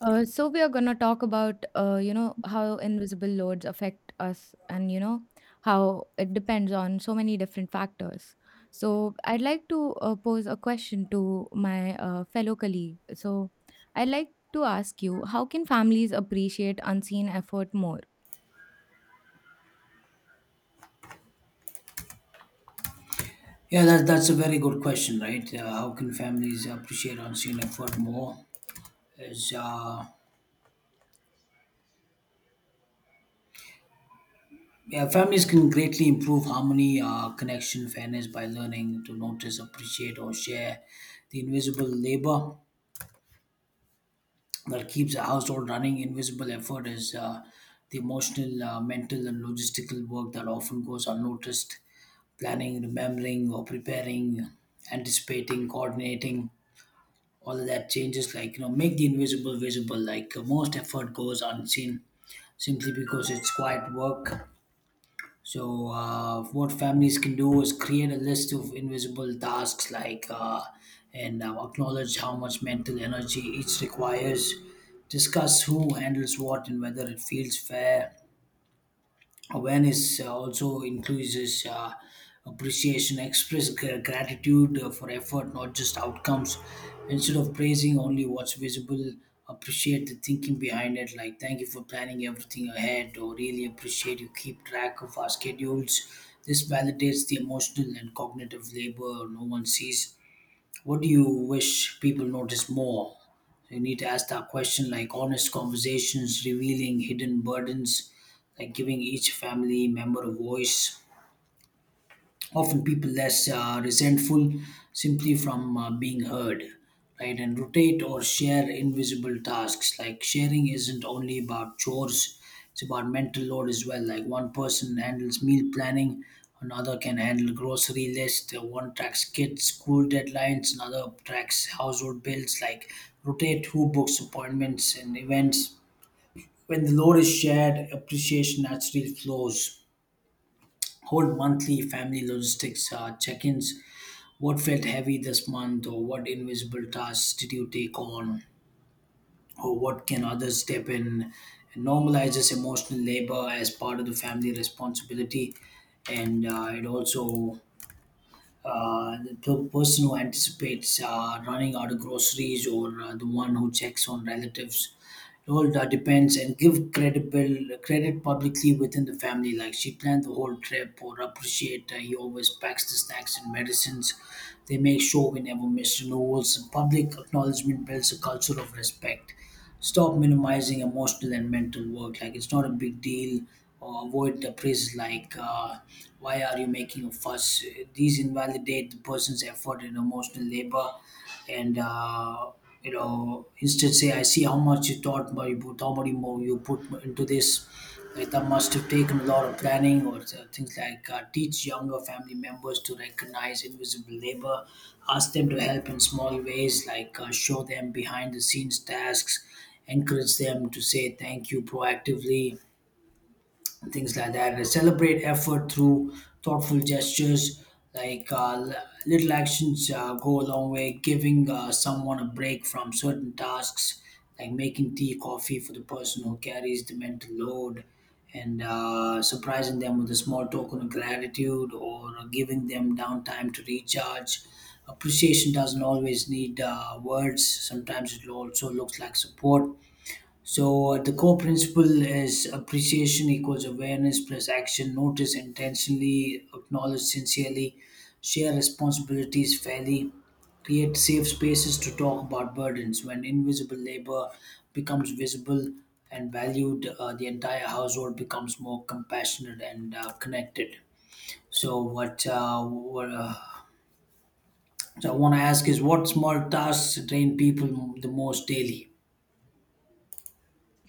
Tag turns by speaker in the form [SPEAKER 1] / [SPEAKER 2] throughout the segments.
[SPEAKER 1] So we are gonna talk about you know how invisible loads affect us, and you know how it depends on so many different factors. So I'd like to pose a question to my fellow colleague. So I'd like to ask you, how can families appreciate unseen effort more?
[SPEAKER 2] Yeah, that's a very good question, right? How can families appreciate unseen effort more? Is Yeah, families can greatly improve harmony, connection, fairness by learning to notice, appreciate, or share the invisible labor that keeps a household running. Invisible effort is the emotional, mental, and logistical work that often goes unnoticed. Planning, remembering, or preparing, anticipating, coordinating all of that changes like make the invisible visible, like most effort goes unseen simply because it's quiet work. So what families can do is create a list of invisible tasks, like and acknowledge how much mental energy each requires, discuss who handles what and whether it feels fair. Awareness also increases appreciation. Express gratitude for effort, not just outcomes. Instead of praising only what's visible, appreciate the thinking behind it. Like, thank you for planning everything ahead, or really appreciate you keep track of our schedules. This validates the emotional and cognitive labor no one sees. What do you wish people notice more? You need to ask that question, like honest conversations, revealing hidden burdens, like giving each family member a voice. Often people less resentful simply from being heard, right? And rotate or share invisible tasks, like sharing isn't only about chores, it's about mental load as well. Like one person handles meal planning, another can handle grocery list, one tracks kids school deadlines, another tracks household bills, like rotate who books appointments and events. When the load is shared, appreciation naturally flows. Hold monthly family logistics check-ins. What felt heavy this month, or what invisible tasks did you take on, or what can others step in? It normalizes emotional labor as part of the family responsibility, and it also the per- person who anticipates running out of groceries, or the one who checks on relatives. It all depends. And give credible credit publicly within the family. Like, she planned the whole trip, or appreciate he always packs the snacks and medicines. They make sure we never miss renewals. Public acknowledgement builds a culture of respect. Stop minimizing emotional and mental work. Like, it's not a big deal, or avoid the praise, like, "Why are you making a fuss?" These invalidate the person's effort and emotional labor, and uh, instead say, "I see how much you thought, but you put how much more you put into this." That must have taken a lot of planning. Or things like teach younger family members to recognize invisible labor, ask them to help in small ways, like show them behind the scenes tasks, encourage them to say thank you proactively, things like that. And celebrate effort through thoughtful gestures, like little actions go a long way. Giving someone a break from certain tasks, like making tea coffee for the person who carries the mental load, and surprising them with a small token of gratitude, or giving them downtime to recharge. Appreciation doesn't always need words. Sometimes it also looks like support. So the core principle is appreciation equals awareness plus action. Notice intentionally, acknowledge sincerely, share responsibilities fairly, create safe spaces to talk about burdens. When invisible labor becomes visible and valued, the entire household becomes more compassionate and connected. So what so I want to ask is, what small tasks drain people the most daily?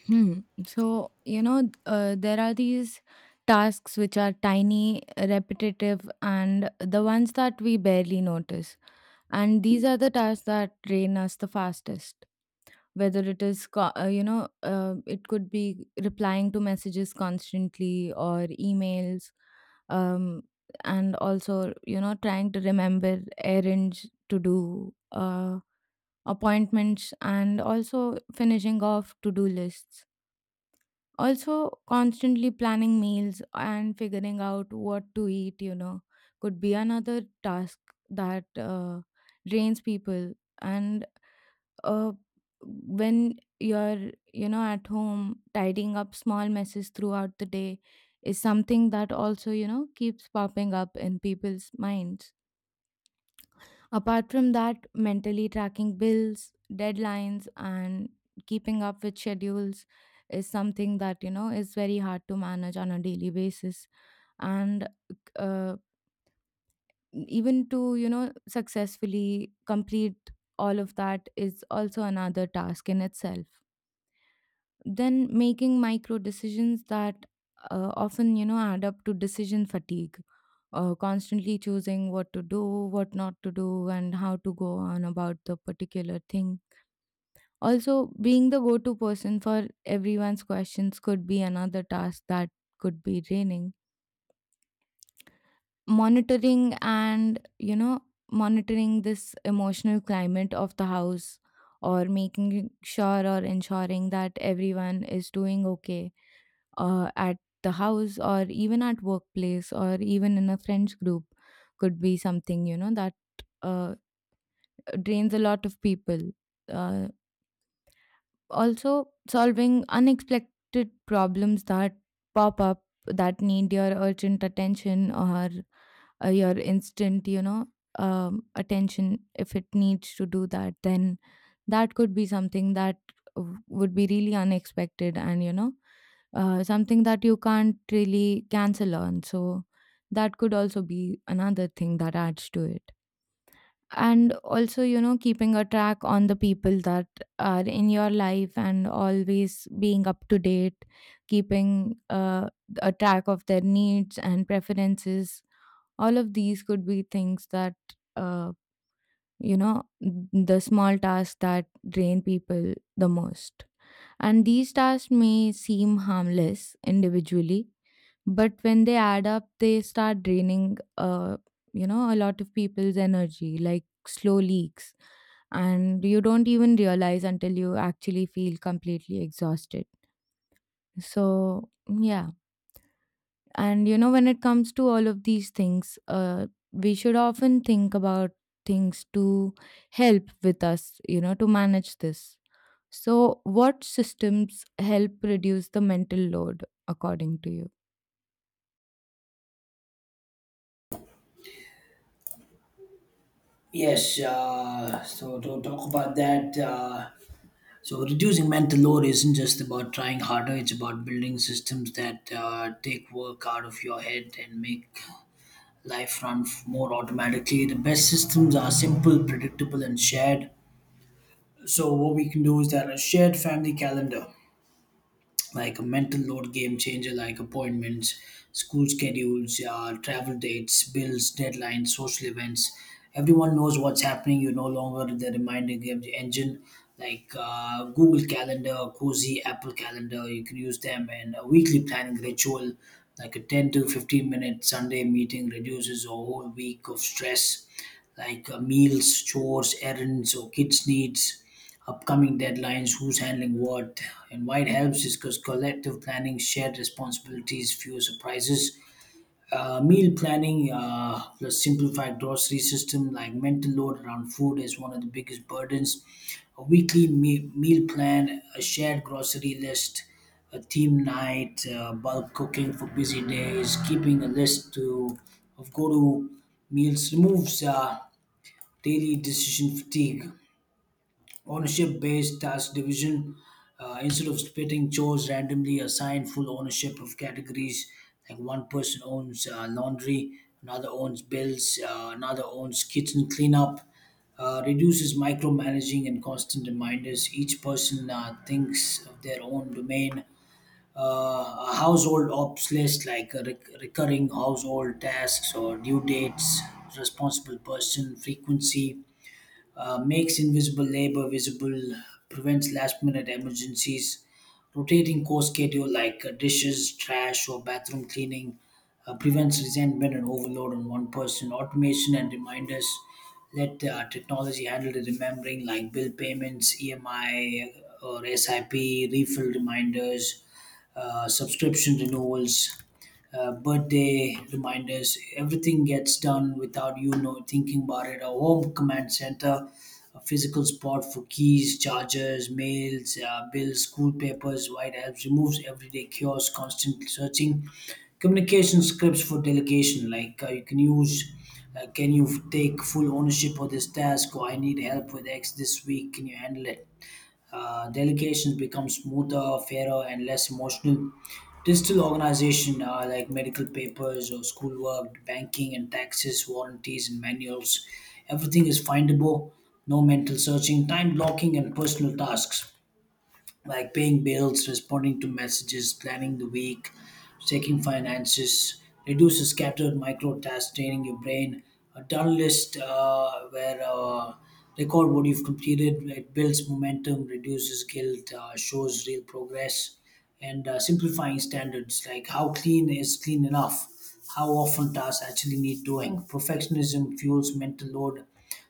[SPEAKER 1] Hmm. So you know there are these tasks which are tiny, repetitive, and the ones that we barely notice, and these are the tasks that drain us the fastest, whether it is you know, it could be replying to messages constantly, or emails, um, and also you know trying to remember errands to do, appointments, and also finishing off to do lists. Also, constantly planning meals and figuring out what to eat, you know, could be another task that drains people. And uh, when you're, you know, at home, tidying up small messes throughout the day is something that also, you know, keeps popping up in people's minds. Apart from that, mentally tracking bills, deadlines, and keeping up with schedules is something that, you know, is very hard to manage on a daily basis. And uh, even to, you know, successfully complete all of that is also another task in itself. Then making micro decisions that often you know add up to decision fatigue. Constantly choosing what to do, what not to do, and how to go on about the particular thing. Also being the go-to person for everyone's questions could be another task that could be draining. Monitoring and you know monitoring this emotional climate of the house, or making sure or ensuring that everyone is doing okay at the house, or even at workplace, or even in a friends group, could be something you know that uh, drains a lot of people. uh, Also solving unexpected problems that pop up, that need your urgent attention, or your instant you know attention. If it needs to do that, then that could be something that would be really unexpected, and you know something that you can't really cancel on, so that could also be another thing that adds to it. And also you know keeping a track on the people that are in your life and always being up to date, keeping a track of their needs and preferences. All of these could be things that uh, you know, the small tasks that drain people the most. And these tasks may seem harmless individually, but when they add up, they start draining, you know, a lot of people's energy, like slow leaks. And you don't even realize until you actually feel completely exhausted. So, yeah. And, you know, when it comes to all of these things, we should often think about things to help with us, you know, to manage this. So, what systems help reduce the mental load according to you?
[SPEAKER 2] Yes, so to talk about that, reducing mental load isn't just about trying harder, it's about building systems that take work out of your head and make life run more automatically. The best systems are simple, predictable, and shared. So, what we can do is that a shared family calendar, like a mental load game changer, like appointments, school schedules, travel dates, bills, deadlines, social events. Everyone knows what's happening, you're no longer the reminder game engine. Like Google Calendar, Cozy, Apple Calendar, you can use them. And a weekly planning ritual, like a 10 to 15 minute Sunday meeting, reduces a whole week of stress. Like meals, chores, errands, or kids needs, upcoming deadlines, who's handling what, and why it helps is because collective planning, shared responsibilities, fewer surprises. Meal planning plus simplified grocery system, like mental load around food is one of the biggest burdens. A weekly meal plan, a shared grocery list, a team night, bulk cooking for busy days, keeping a list to of go to meals removes daily decision fatigue. Ownership based task division, instead of splitting chores randomly, assign full ownership of categories. Like one person owns laundry, another owns bills, another owns kitchen cleanup. Reduces micromanaging and constant reminders, each person thinks of their own domain. A household ops list, like recurring household tasks or due dates, responsible person frequency, makes invisible labor visible, prevents last minute emergencies. Rotating core schedule, like dishes, trash, or bathroom cleaning, prevents resentment and overload on one person. Automation and reminders, let technology handle the remembering, like bill payments, EMI, or SIP, refill reminders, subscription renewals, birthday reminders. Everything gets done without thinking about it. A home command center, a physical spot for keys, chargers, mails, bills, school papers, white helps, removes everyday chaos, constant searching. Communication scripts for delegation, like you can use. Can you take full ownership of this task? Or I need help with X this week. Can you handle it? Delegations become smoother, fairer, and less emotional. Digital organization, like medical papers or schoolwork, banking and taxes, warranties and manuals, everything is findable. No mental searching, time blocking, and personal tasks like paying bills, responding to messages, planning the week, checking finances, reduces scattered micro tasks, training your brain. A done list, where record what you've completed, it builds momentum, reduces guilt, shows real progress, and simplifying standards, like how clean is clean enough, how often tasks actually need doing. Perfectionism fuels mental load,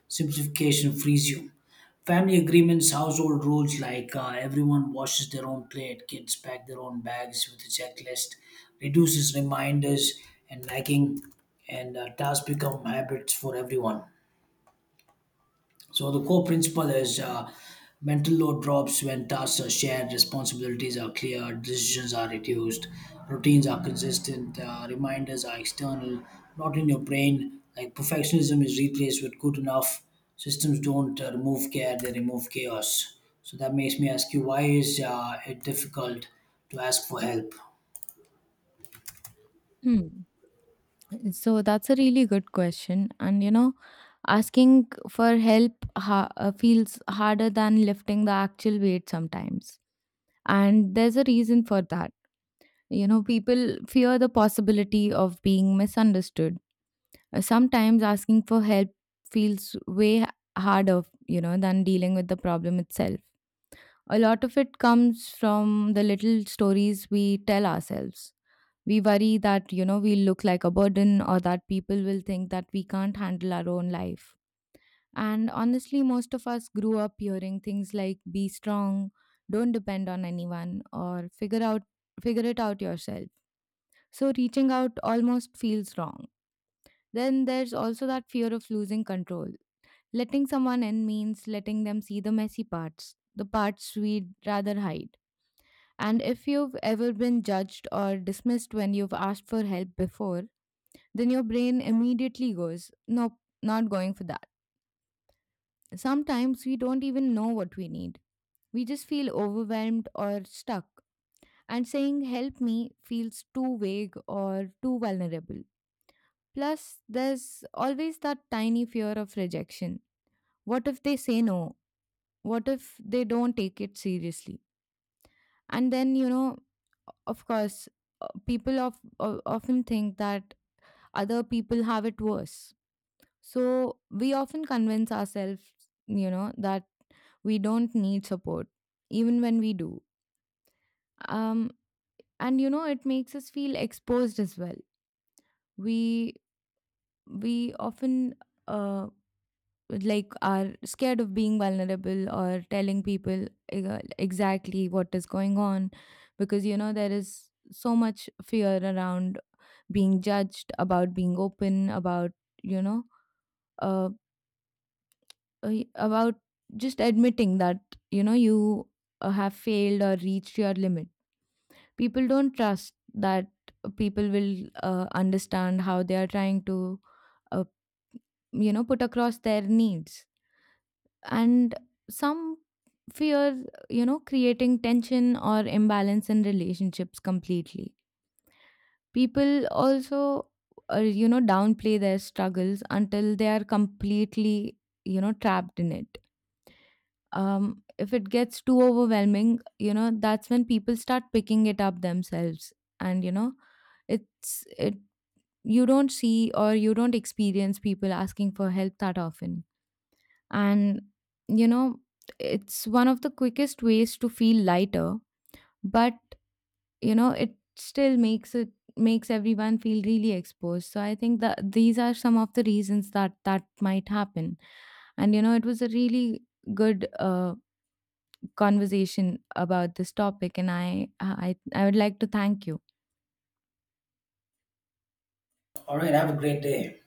[SPEAKER 2] simplification frees you. Family agreements, household rules, like everyone washes their own plate, kids pack their own bags with a checklist, reduces reminders and nagging, and tasks become habits for everyone. So the core principle is mental load drops when tasks are shared, responsibilities are clear, decisions are reduced, routines are consistent, reminders are external, not in your brain. Like perfectionism is replaced with good enough. Systems don't remove care; they remove chaos. So that makes me ask you, why is it difficult to ask for help?
[SPEAKER 1] Hmm. So that's a really good question. And you know, asking for help feels harder than lifting the actual weight sometimes. And there's a reason for that. You know, people fear the possibility of being misunderstood. Sometimes asking for help feels way harder, you know, than dealing with the problem itself. A lot of it comes from the little stories we tell ourselves. We worry that, you know, we look like a burden, or that people will think that we can't handle our own life. And honestly, most of us grew up hearing things like be strong, don't depend on anyone, or figure it out yourself. So reaching out almost feels wrong. Then there's also that fear of losing control. Letting someone in means letting them see the messy parts, the parts we'd rather hide. And if you've ever been judged or dismissed when you've asked for help before, then your brain immediately goes, nope, not going for that. Sometimes we don't even know what we need. We just feel overwhelmed or stuck. And saying help me feels too vague or too vulnerable. Plus, there's always that tiny fear of rejection. What if they say no? What if they don't take it seriously? And then, you know, of course, people often think that other people have it worse. So we often convince ourselves, you know, that we don't need support, even when we do. Um, and you know, it makes us feel exposed as well. We we often uh, like are scared of being vulnerable or telling people exactly what is going on, because you know there is so much fear around being judged, about being open, about, you know, uh, about just admitting that, you know, you have failed or reached your limit. People don't trust that people will understand how they are trying to, uh, you know, put across their needs. And some fear, you know, creating tension or imbalance in relationships completely. People also, you know, downplay their struggles until they are completely, you know, trapped in it. If it gets too overwhelming, you know, that's when people start picking it up themselves. And, you know, it's, it, you don't see or you don't experience people asking for help that often. And, you know, it's one of the quickest ways to feel lighter. But you know it still makes everyone feel really exposed. So I think that these are some of the reasons that that might happen. And you know it was a really good conversation about this topic, and I would like to thank you.
[SPEAKER 2] All right, have a great day.